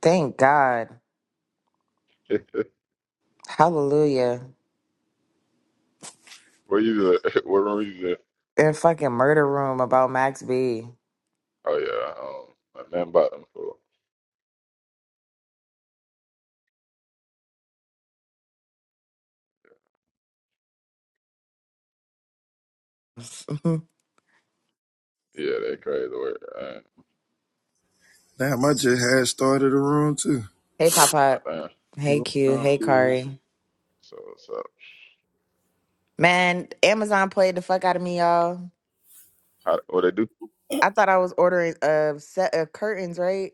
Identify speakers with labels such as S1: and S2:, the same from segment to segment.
S1: Thank God. Hallelujah.
S2: Where you at? What room you at?
S1: In fucking murder room about Max B.
S2: Oh yeah, um, I done bought them for. Yeah, they crazy work.
S3: Damn, I just had started a room too.
S1: hey,
S2: I
S1: Papa.
S2: damn.
S1: Hey,
S3: Going
S1: Q.
S3: out
S1: Hey,
S3: here.
S1: Kari.
S2: So so
S1: Man, Amazon played the fuck out of me, y'all.
S2: how what they do?
S1: I thought I was ordering a set of curtains, right?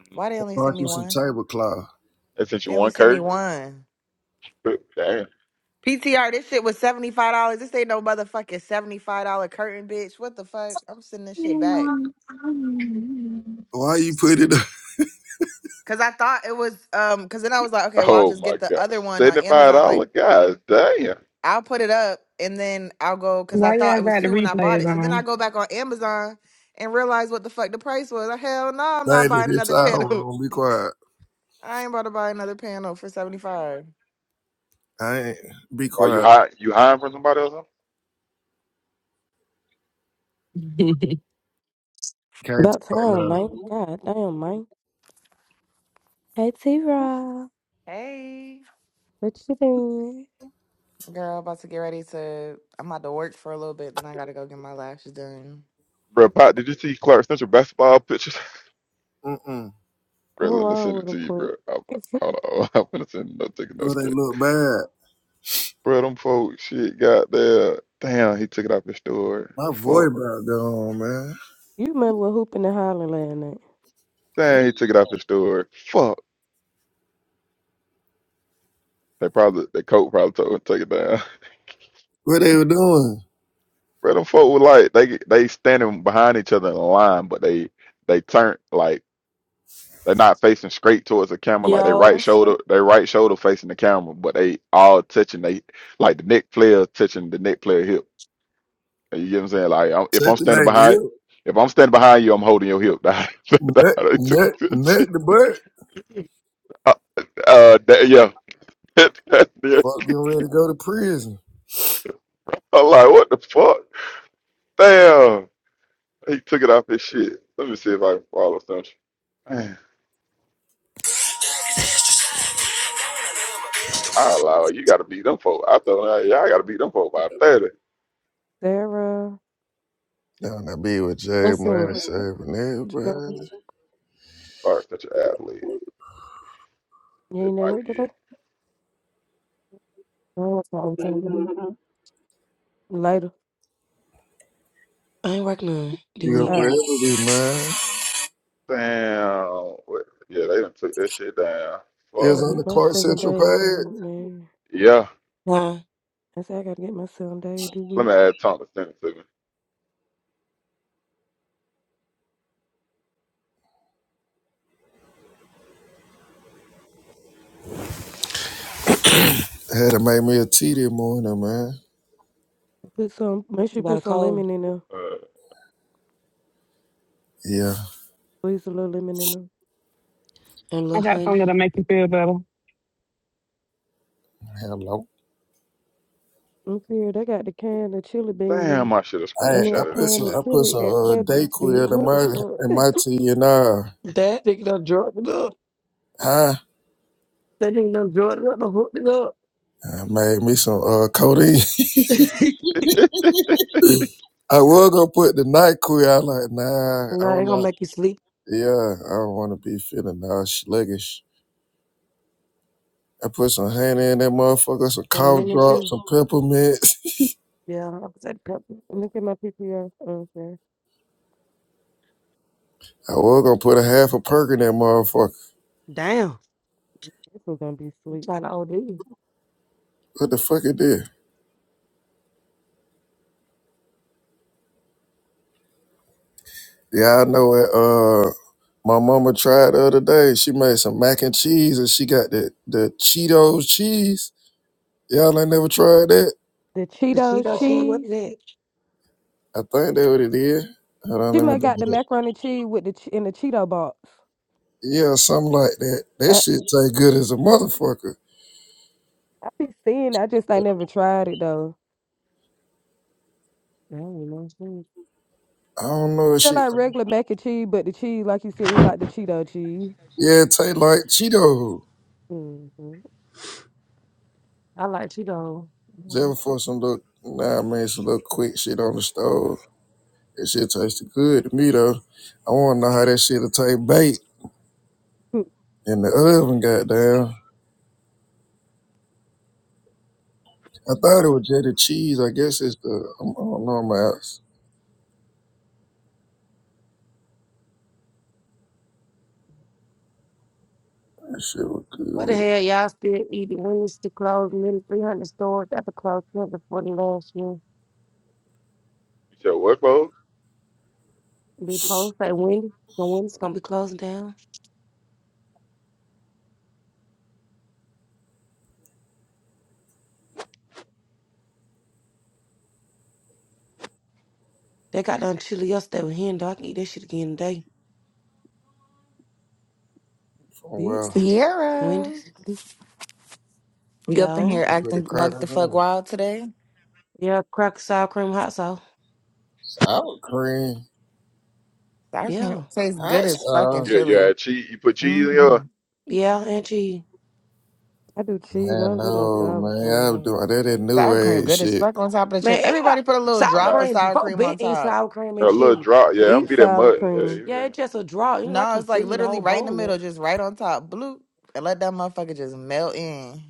S2: Mhm.
S1: Why they only
S3: Bought
S1: sent me
S3: you some
S1: one?
S3: tablecloth.
S2: They sent you
S1: They only
S2: one
S1: sent me
S2: curtain?
S1: one.
S2: Damn.
S1: PTR, this shit was $75. This ain't no motherfucking $75 curtain, bitch. What the fuck? I'm sending this shit back.
S4: Why
S3: Why you put it up?
S1: Cause I thought it was um cause then I was like, okay, well I'll
S2: Oh
S1: just
S2: my
S1: get the
S2: god,
S1: other one on
S2: seventy five
S1: Amazon. Like
S2: dollar guys. Damn.
S1: I'll put it up and then I'll go because I thought
S4: y'all
S1: it was
S4: got the
S1: two when I bought
S4: replays
S1: it. So then I
S4: on?
S1: go back on Amazon and realize what the fuck the price was. Like, Hell no, I'm not
S3: Lady,
S1: buying
S3: this
S1: another
S3: our
S1: panel.
S3: room. Be quiet.
S1: I ain't about to buy another panel for 75.
S3: I ain't. Be
S2: Why you
S3: quiet.
S2: hide? You hiding from somebody or something?
S3: Can't
S5: About
S3: talk
S5: time,
S3: now.
S5: man. God damn, man. Hey, T Rob.
S1: Hey,
S5: What you doing?
S1: girl, about to get ready to. I'm about to work for a little bit. Then I gotta go get my lashes done.
S2: Bro, Pop, did you see Clark Central basketball pictures?
S3: Mm-mm.
S5: What
S2: Bro, let me
S5: wrong
S2: send it
S5: with a
S2: to you, bro.
S5: put?
S2: I'm, hold on, I'm gonna send no taking no
S3: Well, they
S2: skate.
S3: look bad.
S2: Bro, them folks, shit, goddamn. Damn, he took it off the store.
S3: My voice
S2: Fuck.
S3: about gone, man.
S5: you remember hooping and hollering last night.
S2: Dang, he took it out the store. Fuck. They probably the coach probably told him to take it down.
S3: What they were doing?
S2: But them folk were like they they standing behind each other in a line, but they they turn like they're not facing straight towards the camera. Like they
S6: Yo,
S2: right
S6: what's
S2: shoulder,
S6: up?
S2: they right shoulder facing the camera, but they all touching. They like the neck player touching the neck player hip. You get what I'm saying? Like I'm, if
S3: Check
S2: I'm
S3: the
S2: standing
S3: night
S2: behind,
S3: up.
S2: if I'm standing behind you, I'm holding your hip. That's
S3: Nut,
S2: how they
S3: nut,
S2: took the picture.
S3: nut the butt.
S2: Uh, uh, that- yeah.
S3: Fuck, getting ready to go to prison.
S2: I'm like, what the fuck? Damn. He took it off his shit. Let me see if I can follow something. Man, I allow it. You got to beat them folk. I thought, yeah, I got to beat them folk by 30.
S5: Sarah,
S3: Down that be with Jay
S6: What's up?
S3: Money, serving
S5: no,
S3: everybody.
S2: Or such an athlete.
S5: you
S2: It
S5: ain't at
S2: might
S5: work
S2: be it.
S5: today?
S6: I ain't working all the time, baby.
S5: Later.
S6: I ain't working none this
S3: You gonna
S6: week.
S5: Oh,
S3: forever be mine.
S2: Damn. What- Yeah, they done took that shit down.
S5: I
S3: Is
S5: gotta
S2: Fuck.
S3: on the
S5: get my
S3: Clark
S5: seven
S3: Central
S5: days this week,
S3: page.
S5: man.
S2: Yeah.
S6: Huh?
S5: I said I gotta get my seven days this
S2: Let
S5: week.
S2: me add Tom to send it to me.
S3: Had to make me a tea this morning, man.
S5: Put some, make sure you
S6: You got
S5: put
S6: a
S5: some
S6: cold
S5: lemon in there.
S2: Uh,
S3: Yeah,
S5: Squeeze a little lemon in them.
S6: and a
S4: I
S6: little
S4: got something
S6: honey.
S4: that'll make you feel better.
S3: hello.
S5: Look here, they got the can of chili beans.
S2: damn, I should have
S3: I
S5: I
S3: I
S5: mean,
S2: screenshotted
S3: put
S2: that
S5: can
S3: some
S5: of
S3: I
S2: shit.
S3: put
S5: chili
S3: some
S5: at
S3: uh,
S5: Publix, bitch.
S3: Dayquil in
S5: What the
S3: my in
S5: fuck?
S3: my tea and uh,
S6: That nigga done drugged it up.
S3: huh?
S6: That nigga done drugged it up and hooked
S3: I made me some uh codeine.
S6: it up.
S3: I was gonna put the night queer. I like nah. I
S6: no, they
S3: don't
S6: gonna
S3: know.
S6: make you sleep
S3: Yeah, I don't want to be feeling all sluggish. I put some honey in that motherfucker, some
S6: for the
S3: cough
S6: lemon
S3: drops,
S6: juice.
S3: some peppermints.
S6: Yeah, I was at the pepper.
S5: Look at my PPR. Okay.
S3: I was gonna put a half a perk in that motherfucker.
S6: Damn.
S5: This was gonna be
S6: You
S5: sweet.
S6: trying to OD.
S3: What the fuck it did? Yeah, I know it. uh, My mama tried the other day. She made some mac and cheese and she got the, the Cheetos cheese. Y'all ain't never tried that?
S5: The
S6: The
S5: Cheetos
S6: Cheeto cheese,
S2: uh-uh.
S6: what is
S5: cheese.
S6: that?
S3: I think that what it is. Hold on,
S5: She
S3: let me
S5: might
S3: look
S5: got the
S3: it up.
S5: macaroni cheese with the che- in the Cheeto box.
S3: Yeah, something like that. That
S5: I,
S3: shit taste good as a motherfucker.
S5: I be seeing. it, I just ain't never tried it though.
S6: I don't know. it's good.
S3: I don't know if
S5: Just
S3: she
S5: like regular mac and cheese, but the cheese, like you said, he like the Cheeto cheese.
S3: Yeah, it taste like Cheeto.
S5: Mm-hmm.
S6: I like Cheeto. Mhm.
S3: Just for some little nah I mean some little quick shit on the stove. That shit tasted good to me though. I wanna know how that shit'll taste baked in the oven, goddamn. I thought it was just the cheese. I guess it's the I'm, I don't know. I'm out. That shit was
S6: What the
S3: good.
S6: hell, y'all still eating? When is the close? Nearly 300 stores after closed since the 40 last year.
S2: You said what, bro?
S6: Be post say Wendy's, when Wendy's gonna be closing down. They got done chili yesterday with hen dog. I can eat that shit again today.
S3: From
S5: Bitch,
S3: well,
S1: Sierra,
S6: Wendy's,
S5: This-
S1: you up in
S6: yo,
S1: here
S3: you put the
S1: acting buck the
S3: crackers
S1: fuck
S3: in
S1: wild today?
S6: yeah, cracker sour cream hot sauce,
S3: sour cream.
S1: Sour cream
S6: yeah,
S1: tastes good
S3: Hot
S1: as fucking
S3: sauce.
S2: Yeah, yeah,
S1: chili.
S2: cheese. You put cheese in
S1: hmm
S2: your
S6: yeah, and cheese.
S5: I do cheese. I
S3: Man,
S5: don't do no
S3: no,
S5: sour
S3: man. I was
S5: cream.
S3: doing that in New
S1: Sour cream
S3: Age
S1: good as
S3: shit.
S1: fuck on top of the chili.
S6: Man, yeah,
S1: Everybody put a little
S6: sour
S1: drop
S2: Not.
S1: of
S6: cream.
S1: sour
S6: Before
S1: cream
S6: been
S1: on
S6: eating
S1: top.
S6: sour cream
S2: A
S6: and
S2: little
S6: chili.
S2: drop.
S5: I
S2: Yeah, I'm
S5: eat
S2: be that
S5: sour
S2: mud. Yeah,
S5: cream.
S2: you
S6: Yeah,
S2: feel me?
S6: it's just a draw. It's like
S1: No,
S6: you
S1: it's like
S6: filling the
S1: literally
S6: whole
S1: right in the
S6: bowl
S1: middle,
S6: up.
S1: just right on top, bloop, and let that motherfucker just melt in.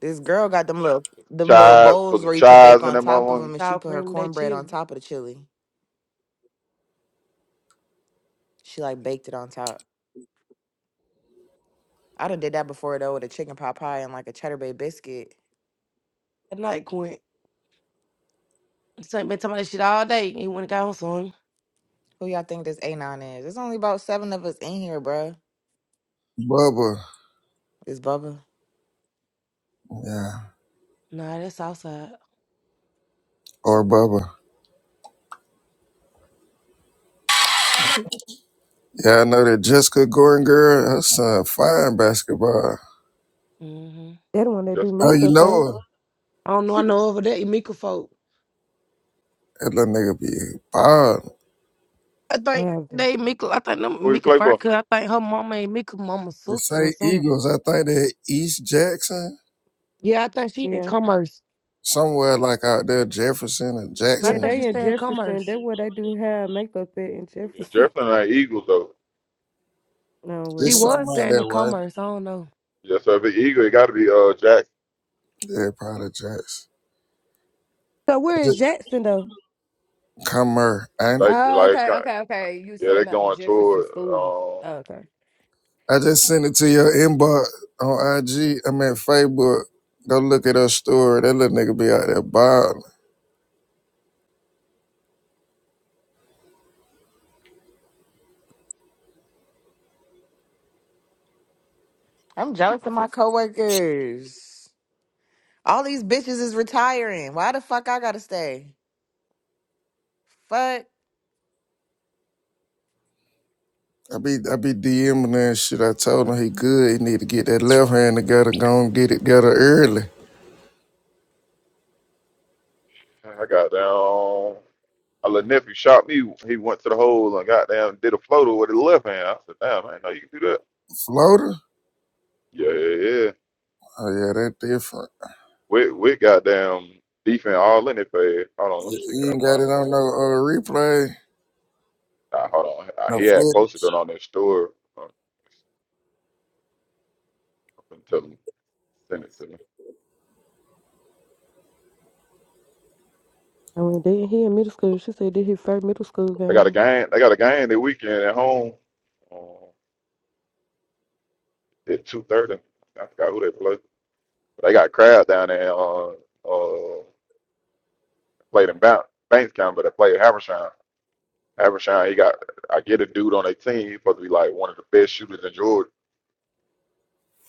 S1: This girl got them little them little
S2: chives. Put
S1: bowls
S2: some
S1: where you could bake
S2: chives in
S1: on
S2: that
S1: top of
S2: motherfucker.
S1: them, and she
S6: Sour
S1: put her
S6: cream and that
S1: cornbread on
S6: chili.
S1: top of the chili. She like baked it on top. I done did that before though with a chicken pot pie and like a cheddar bay biscuit.
S6: That night Quint. So been talking about that shit all day. He went and got on some.
S1: Who y'all think this A9 is? There's only about seven of us in here, bruh.
S3: Bubba.
S1: It's Bubba.
S3: Yeah.
S6: Nah, that's outside.
S3: Or Bubba. Yeah, I know that Jessica Gordon girl, her son fine basketball.
S6: Mm-hmm.
S5: That the one that do
S2: Jessica
S3: Oh,
S2: who?
S3: you
S5: makeup,
S3: know
S5: ain't it?
S3: her.
S6: I don't know. I
S5: She do-
S6: know over there, Emeka folk.
S3: That little nigga be bomb.
S6: I think
S5: nasty.
S6: they Mika. I think them
S2: Who he
S6: Mika
S2: play for?
S6: Farka. I think her mama ain't Mika mama's
S3: They
S6: sister or
S3: say
S6: something.
S3: Eagles. I think they're East Jackson.
S6: Yeah, I think she in
S5: Yeah,
S6: commerce.
S3: Somewhere like out there, Jefferson or
S6: I
S5: yeah.
S3: Jackson.
S6: think she
S5: They in
S6: stay in
S5: Jefferson.
S6: commerce.
S5: That's where they do have makeup at in
S2: Yeah,
S5: Jefferson.
S2: Jefferson ain't Eagles though.
S5: No
S6: She
S3: There's
S5: well.
S6: was
S3: something out
S6: staying in
S3: that way.
S6: commerce. I don't know.
S2: Yeah, so if it's Eagle, it got to be uh Jack.
S3: Yeah, probably Jackson.
S5: So where is Jackson though?
S3: Comer. I ain't-
S2: Like
S5: Oh,
S2: like
S5: okay,
S2: uh,
S5: okay, okay. You
S2: yeah,
S5: saying
S2: they
S5: that
S2: going
S5: Jefferson
S2: toward.
S5: School?
S2: Um,
S5: Oh, okay.
S3: I just sent it to your inbox on IG. I mean Facebook. Go look at her story. That little nigga be out there balling.
S1: I'm jealous of my coworkers. All these bitches is retiring. Why the fuck I gotta stay? Fuck.
S3: I be I be DMing her and shit. I told him he good. He need to get that left hand together. Go and get it together early.
S2: I got down. A little nephew shot me. He went to the hole and got down, did a floater with his left hand. I said, damn, I didn't know you can do that.
S3: Floater?
S2: Yeah, yeah, yeah.
S3: Oh yeah, that different.
S2: With with goddamn defense all in it for Hold on, let
S3: You
S2: me see. Can
S3: you
S2: I
S3: ain't got
S2: find
S3: it
S2: it?
S3: on no
S2: Yeah.
S3: uh, replay.
S2: Nah, hold on. Uh,
S3: No
S2: He had
S3: footage.
S2: posted it on their store. Uh, I'm gonna tell him, send it to me.
S5: I mean, did he in middle school? She said did his first middle school
S2: They got a
S5: game.
S2: game. They got a game the weekend at home uh, at two thirty. I forgot who they play. But they got a crowd down there. Uh, uh, played in Ban- Bankstown, but they played Haversham. Haversham. He got. I get a dude on their team. He's supposed to be like one of the best shooters in Georgia.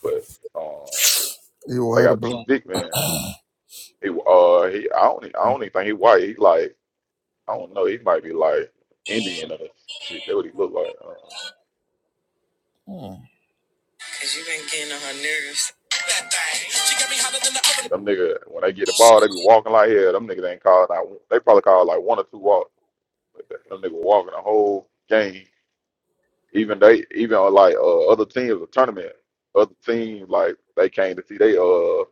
S2: But uh,
S3: You will
S2: they
S3: have a
S2: got two
S3: block.
S2: big men. He uh he. I don't. e- I don't even think he white. He like. I don't know. He might be like Indian or some shit. That what he look like. Uh,
S3: Hmm. Cause you been getting on her nerves. That thing, she got me hotter than the
S2: But
S3: oven.
S2: them nigga, when they get the ball, they be walking like hell. Them niggas ain't calling out. They probably call like one or two walks. Them niggas walking the whole game. Even they, even on like uh, other teams, a tournament, other teams like they came to see they uh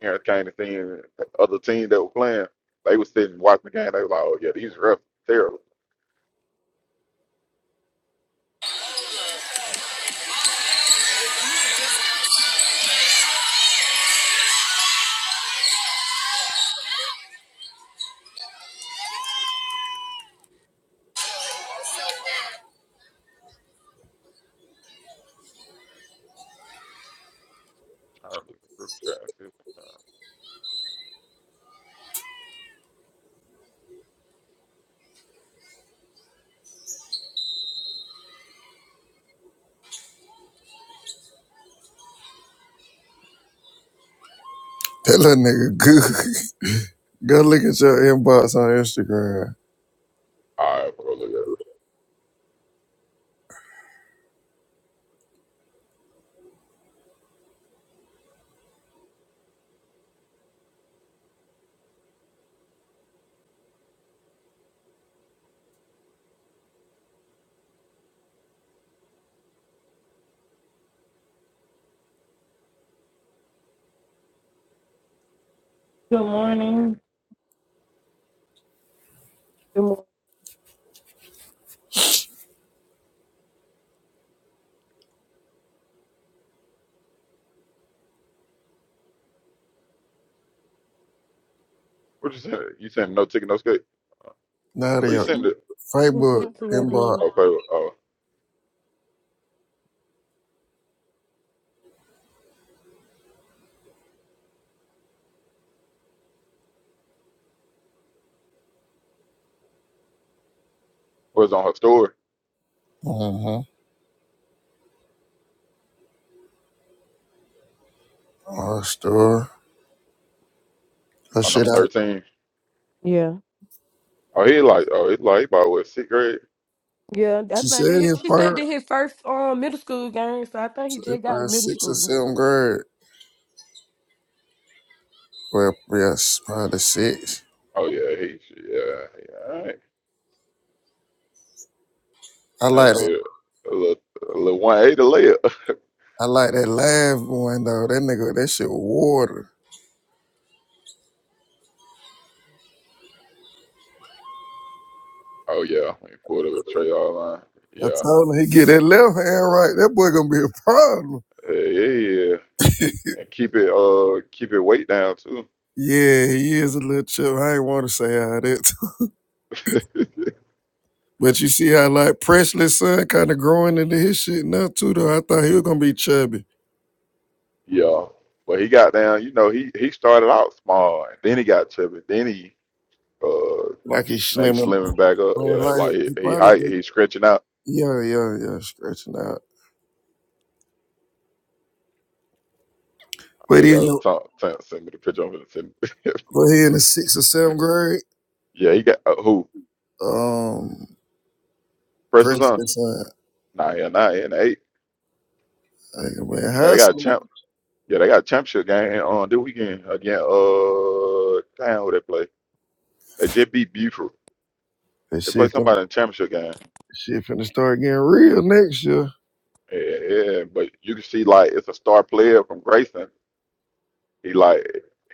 S2: parents came to see 'em. other teams that were playing. They was sitting watching the game. They was like, oh yeah, these refs terrible. I'm Trying to look at the group chat and see what's going
S3: That little nigga good. Go look at your inbox on Instagram.
S2: on. All right, bro, look at it.
S7: Good morning.
S5: Them one
S2: What you send? You send no ticket, no skate? Where you
S3: Nadia,
S2: send it?
S5: Who
S3: Facebook
S5: sent it to your
S3: inbox.
S5: DM?
S2: Okay, uh, was on her story
S3: Mm-hmm. Our store. That
S2: on
S3: shit
S2: number
S3: I
S2: thirteen.
S5: Yeah,
S2: Oh, he like, oh, it's like he about what sixth grade.
S5: yeah. I
S3: she
S5: think did
S3: said
S5: his,
S3: his
S5: she said
S3: part
S5: did his first um middle school game. So I think he
S3: It
S5: just got to
S3: probably
S5: middle
S3: six or
S5: school.
S3: seven grade. Well yes, probably six.
S2: Oh yeah, he, yeah, yeah. All right,
S3: I
S2: I
S3: like
S2: ain't
S3: that.
S2: did a little, a little one eighty layup.
S3: I like that last one though. That nigga that shit was water.
S2: Oh yeah, he pulled up a tray all line.
S3: I
S2: Yeah,
S3: told him he get that left hand right. That boy gonna be a problem.
S2: yeah, yeah, yeah. And, and keep it, uh, keep it weight down too.
S3: Yeah, he is a little chip. I ain't want to say how that, but you see how like Presley's son kind of growing into his shit now too. Though I thought he was gonna be chubby.
S2: Yeah, but he got down. You know, he he started out small, and then he got chubby. Then he, uh,
S3: Like he's
S2: then he
S3: slimming.
S2: slimming back up.
S3: But
S2: Yeah,
S3: like
S2: like he,
S3: he
S2: he
S3: probably
S2: height,
S3: been,
S2: he stretching out.
S3: yeah, yeah, yeah, stretching out.
S2: Oh,
S3: But
S2: here you
S3: he in
S2: go.
S3: the
S2: Tom, Tom, send me the picture. I'm gonna send.
S3: but he in the sixth or seventh grade,
S2: yeah, he got uh, who?
S3: um,
S2: Press on.
S3: President son.
S2: Nah, yeah, nah, yeah, and eight.
S3: Like, man,
S2: You know, they
S3: high
S2: got a
S3: school.
S2: champ. Yeah, they got a championship game on this weekend again. Uh, damn, who they play? They just beat Buford.
S3: That
S2: They play
S3: shit finna,
S2: somebody in the championship game.
S3: shit finna start getting real next year.
S2: Yeah, yeah, but you can see like it's a star player from Grayson. He like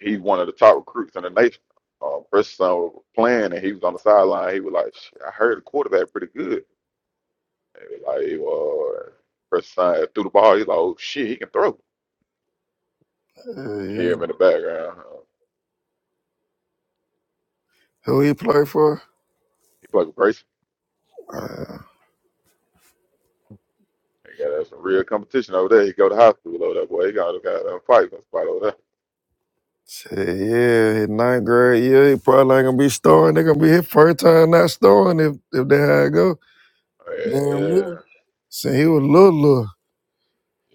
S2: he's one of the top recruits in the nation. Uh, Preston was playing and he was on the sideline. He was like, Shit, I heard the quarterback pretty good. And, he Like, uh, Preston threw the ball. He's like, oh shit, he can throw.
S3: Yeah,
S2: You can
S3: yeah.
S2: hear him in the background. Uh,
S3: Who he play for?
S2: he played with Grayson.
S3: Uh,
S2: They got us some real competition over there. He go to high school over that boy. He got got a fighting spot over
S3: shit, yeah, in ninth grade, yeah, he probably ain't gonna be starting. They gonna be his first time not starting if if they how it go.
S2: there.
S3: Damn,
S2: Yeah,
S3: nigga. Since he was little, little.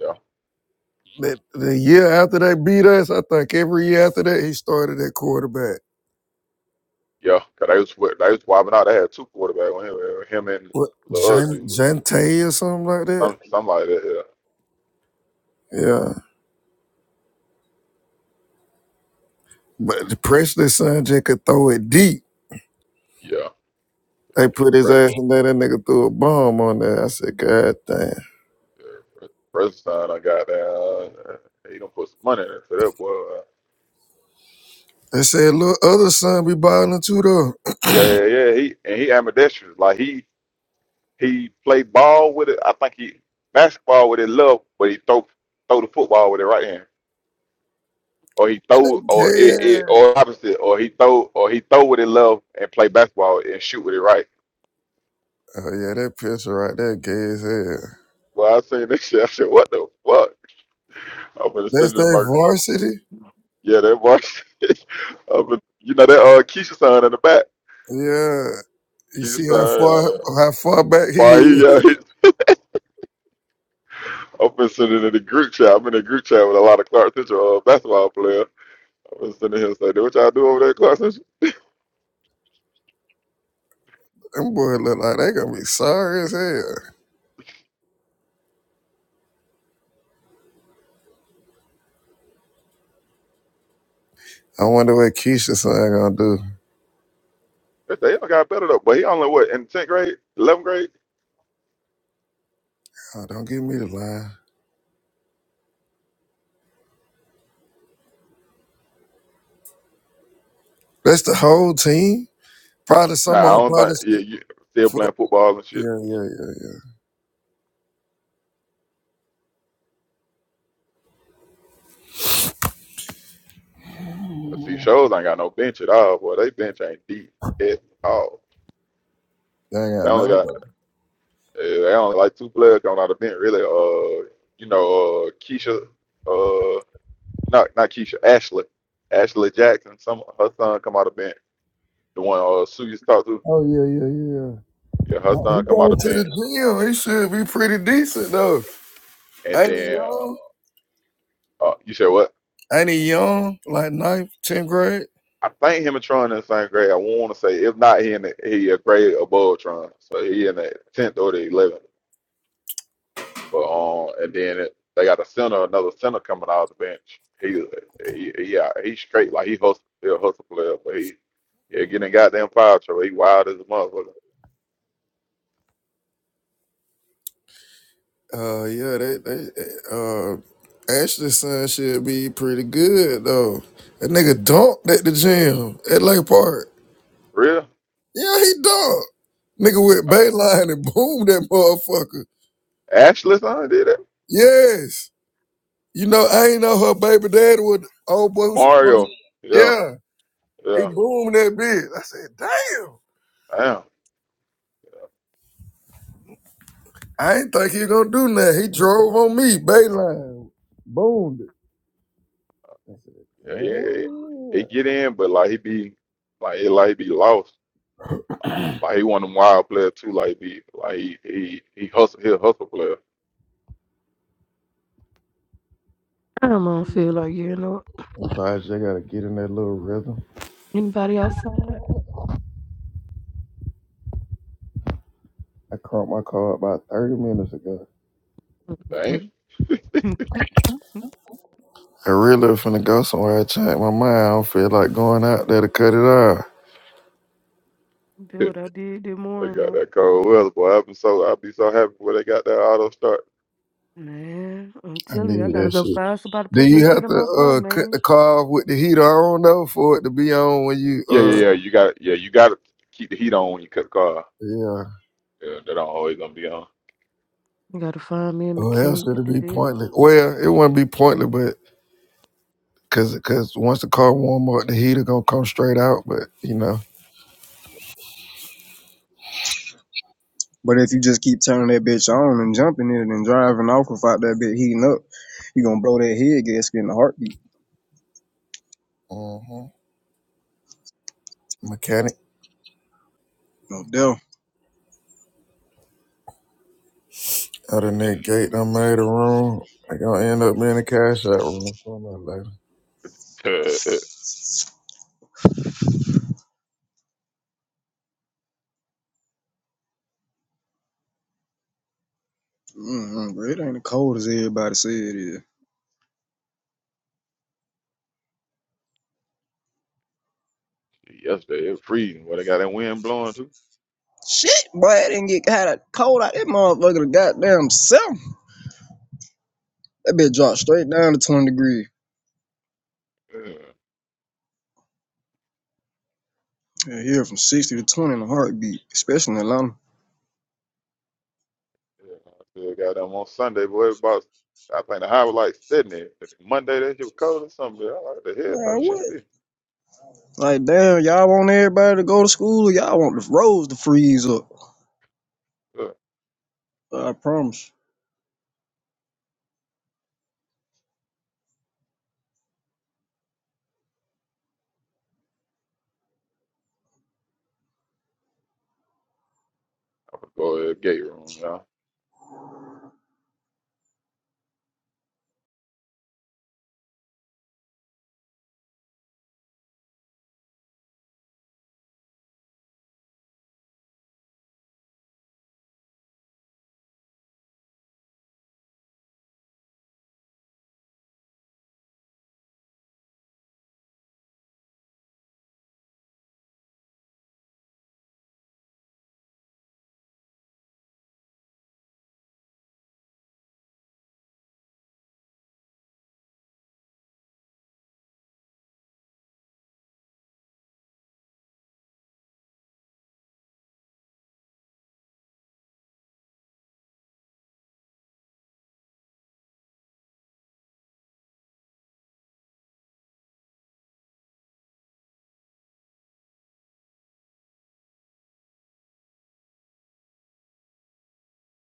S2: yeah,
S3: That the year after they beat us, I think every year after that he started at quarterback.
S2: yeah. Cause they was wa- they was swapping out. They had two quarterbacks on him, uh, him and
S3: What
S2: the other
S3: Jan
S2: dude,
S3: Jante or something like that?
S2: some somebody that
S3: Yeah. But the Presley son just could throw it deep.
S2: yeah, yeah.
S3: They
S2: yeah.
S3: put his
S2: Press,
S3: ass in there, that nigga threw a bomb on there. I said, God damn.
S2: yeah. Press son, I got down. uh, He don't put some money in it for that boy. Uh,
S3: They said little other son be balling too though.
S2: Yeah, yeah, yeah. He and he ambidextrous. Like he he played ball with it. I think he basketball with his left, but he throw throw the football with it right hand. or he
S3: And
S2: throw
S3: that
S2: or
S3: gay
S2: it, it
S3: ass-
S2: or opposite or he throw or he throw with it love and play basketball and shoot with it right.
S3: Oh yeah, that picture right there gay as hell.
S2: Well, I seen this shit. I said, "What the fuck?" I'm gonna
S3: That's
S2: send it to
S3: their
S2: my
S3: varsity?
S2: yeah, that boy. I'm gonna, you know that uh Keisha son in the back.
S3: Yeah. You
S2: Keisha
S3: see how
S2: son.
S3: far
S2: Uh,
S3: how far back he
S2: why he?
S3: is.
S2: Uh, he I'm gonna send it in the group chat. I'm in a group chat with a lot of Clark Central uh, basketball players. I'm gonna send it here and say, "What y'all do over there, at Clark Central?"
S3: Them boy look like they gonna be sorry as hell. I wonder what Keisha son gonna do.
S2: They say, "Y'all got better though." But he only what in tenth grade, eleventh grade?
S3: Oh, don't give me the lie. That's the whole team. Probably
S2: Nah, I
S3: someone
S2: don't think.
S3: probably
S2: Yeah,
S3: st-
S2: you still playing
S3: for,
S2: football and
S3: yeah,
S2: shit.
S3: yeah, yeah, yeah.
S2: But see, shows ain't got no bench at all. Boy, they bench ain't deep at all.
S3: They ain't
S2: They
S3: got
S2: only got
S3: nobody.
S2: eh, they only like two players coming out of the bench. Really, uh, you know, uh, Keisha, uh, not not Keisha, Ashley, Ashley Jackson. Some her son come out of bench. The one uh Sue used to talk to.
S3: Oh yeah, yeah, yeah.
S2: Yeah, her
S3: Oh, He
S2: son come out
S3: going
S2: of
S3: to the
S2: bench,
S3: gym. He should be pretty decent though.
S2: and
S3: Ain't he
S2: then
S3: young?
S2: uh, uh you said what?
S3: Ain't he young? Like ninth, tenth grade?
S2: I think him and Tron in the same grade. I want to say if not, he in the, he a grade above Tron, so he in the tenth or the eleventh. But um, and then it, they got a center, another center coming out of the bench. He, he, he out- he's straight like he hustle, he a hustle player, but he, yeah, getting goddamn foul trouble. He wild as a motherfucker.
S3: Uh yeah, they they uh Ashley's son should be pretty good though. That nigga dunked at the gym at Lake Park.
S2: Real?
S3: Yeah, he done. Nigga went
S2: Uh,
S3: Bayline and boomed that motherfucker.
S2: Ashley son did it.
S3: Yes. You know, I ain't know her baby daddy was the old boy who smoked.
S2: Mario, yeah,
S3: Yeah. He
S2: yeah,
S3: boomed that bitch. I said, damn.
S2: damn,
S3: I ain't think he gonna do nothing. He drove on me, Bayline. Boomed it. I said,
S2: yeah, yeah, yeah. yeah. He
S3: damn.
S2: get in, but like he be, like he like he be lost. Like he one of them wild players too. Like be, like he he he hustle, he a hustle player.
S5: I don't feel like you know
S3: Sometimes you gotta get in that little rhythm.
S5: anybody outside.
S3: I caught my car about 30 minutes ago.
S2: Damn.
S5: Mm-mm.
S3: I really finna go somewhere. I changed my mind. I don't feel like going out there to cut it off.
S5: Do what I did this
S2: They got
S5: morning.
S2: that cold weather, boy. I've been so I'd be so happy when they got that auto start.
S5: Man, I'm
S3: I
S5: telling you, I
S3: need
S5: gotta
S3: that
S5: go
S3: shit.
S5: find somebody to
S3: Do
S5: put
S3: you
S5: that shit
S3: have
S5: in
S3: to
S5: my car,
S3: uh cut
S5: man.
S3: the car off with the heater on though for it to be on when you
S2: Yeah, yeah,
S3: uh
S2: yeah. You got yeah, you got to keep the heat on when you cut the car.
S3: yeah.
S2: Yeah, that don't always gonna be on.
S5: You gotta find me a
S3: Or else
S5: mechanic to
S3: it'll
S5: do
S3: be
S5: that.
S3: pointless. Well, it wouldn't be pointless, but cause cause once the car warm up, the heater gonna come straight out. But you know,
S8: But if you just keep turning that bitch on and jumping in it and driving off without that bitch heating up, you gonna blow that head gasket in a heartbeat.
S3: hmm mechanic
S8: No doubt.
S3: out of that gate, I made a room. I gonna end up being a cash out room.
S8: Mm-hmm. It ain't as cold as everybody said it is.
S2: Yesterday it was freezing. Boy, they got that wind blowing too.
S8: Shit, boy, it didn't get kind of cold out that motherfucker. The goddamn self. That bitch dropped straight down to 20 degrees.
S2: Yeah,
S8: Yeah, here from 60 to 20 in a heartbeat, especially in Atlanta.
S2: yeah. I still got them on Sunday, boy. It About I think the high was like 70. Monday that shit was cold or something. I like the hell type
S8: Man,
S2: of shit it
S8: what?
S2: is.
S8: Like, damn, y'all want everybody to go to school or y'all want the roads to freeze up?
S2: Yeah,
S8: I promise.
S2: I'm gonna go to the gate room, y'all.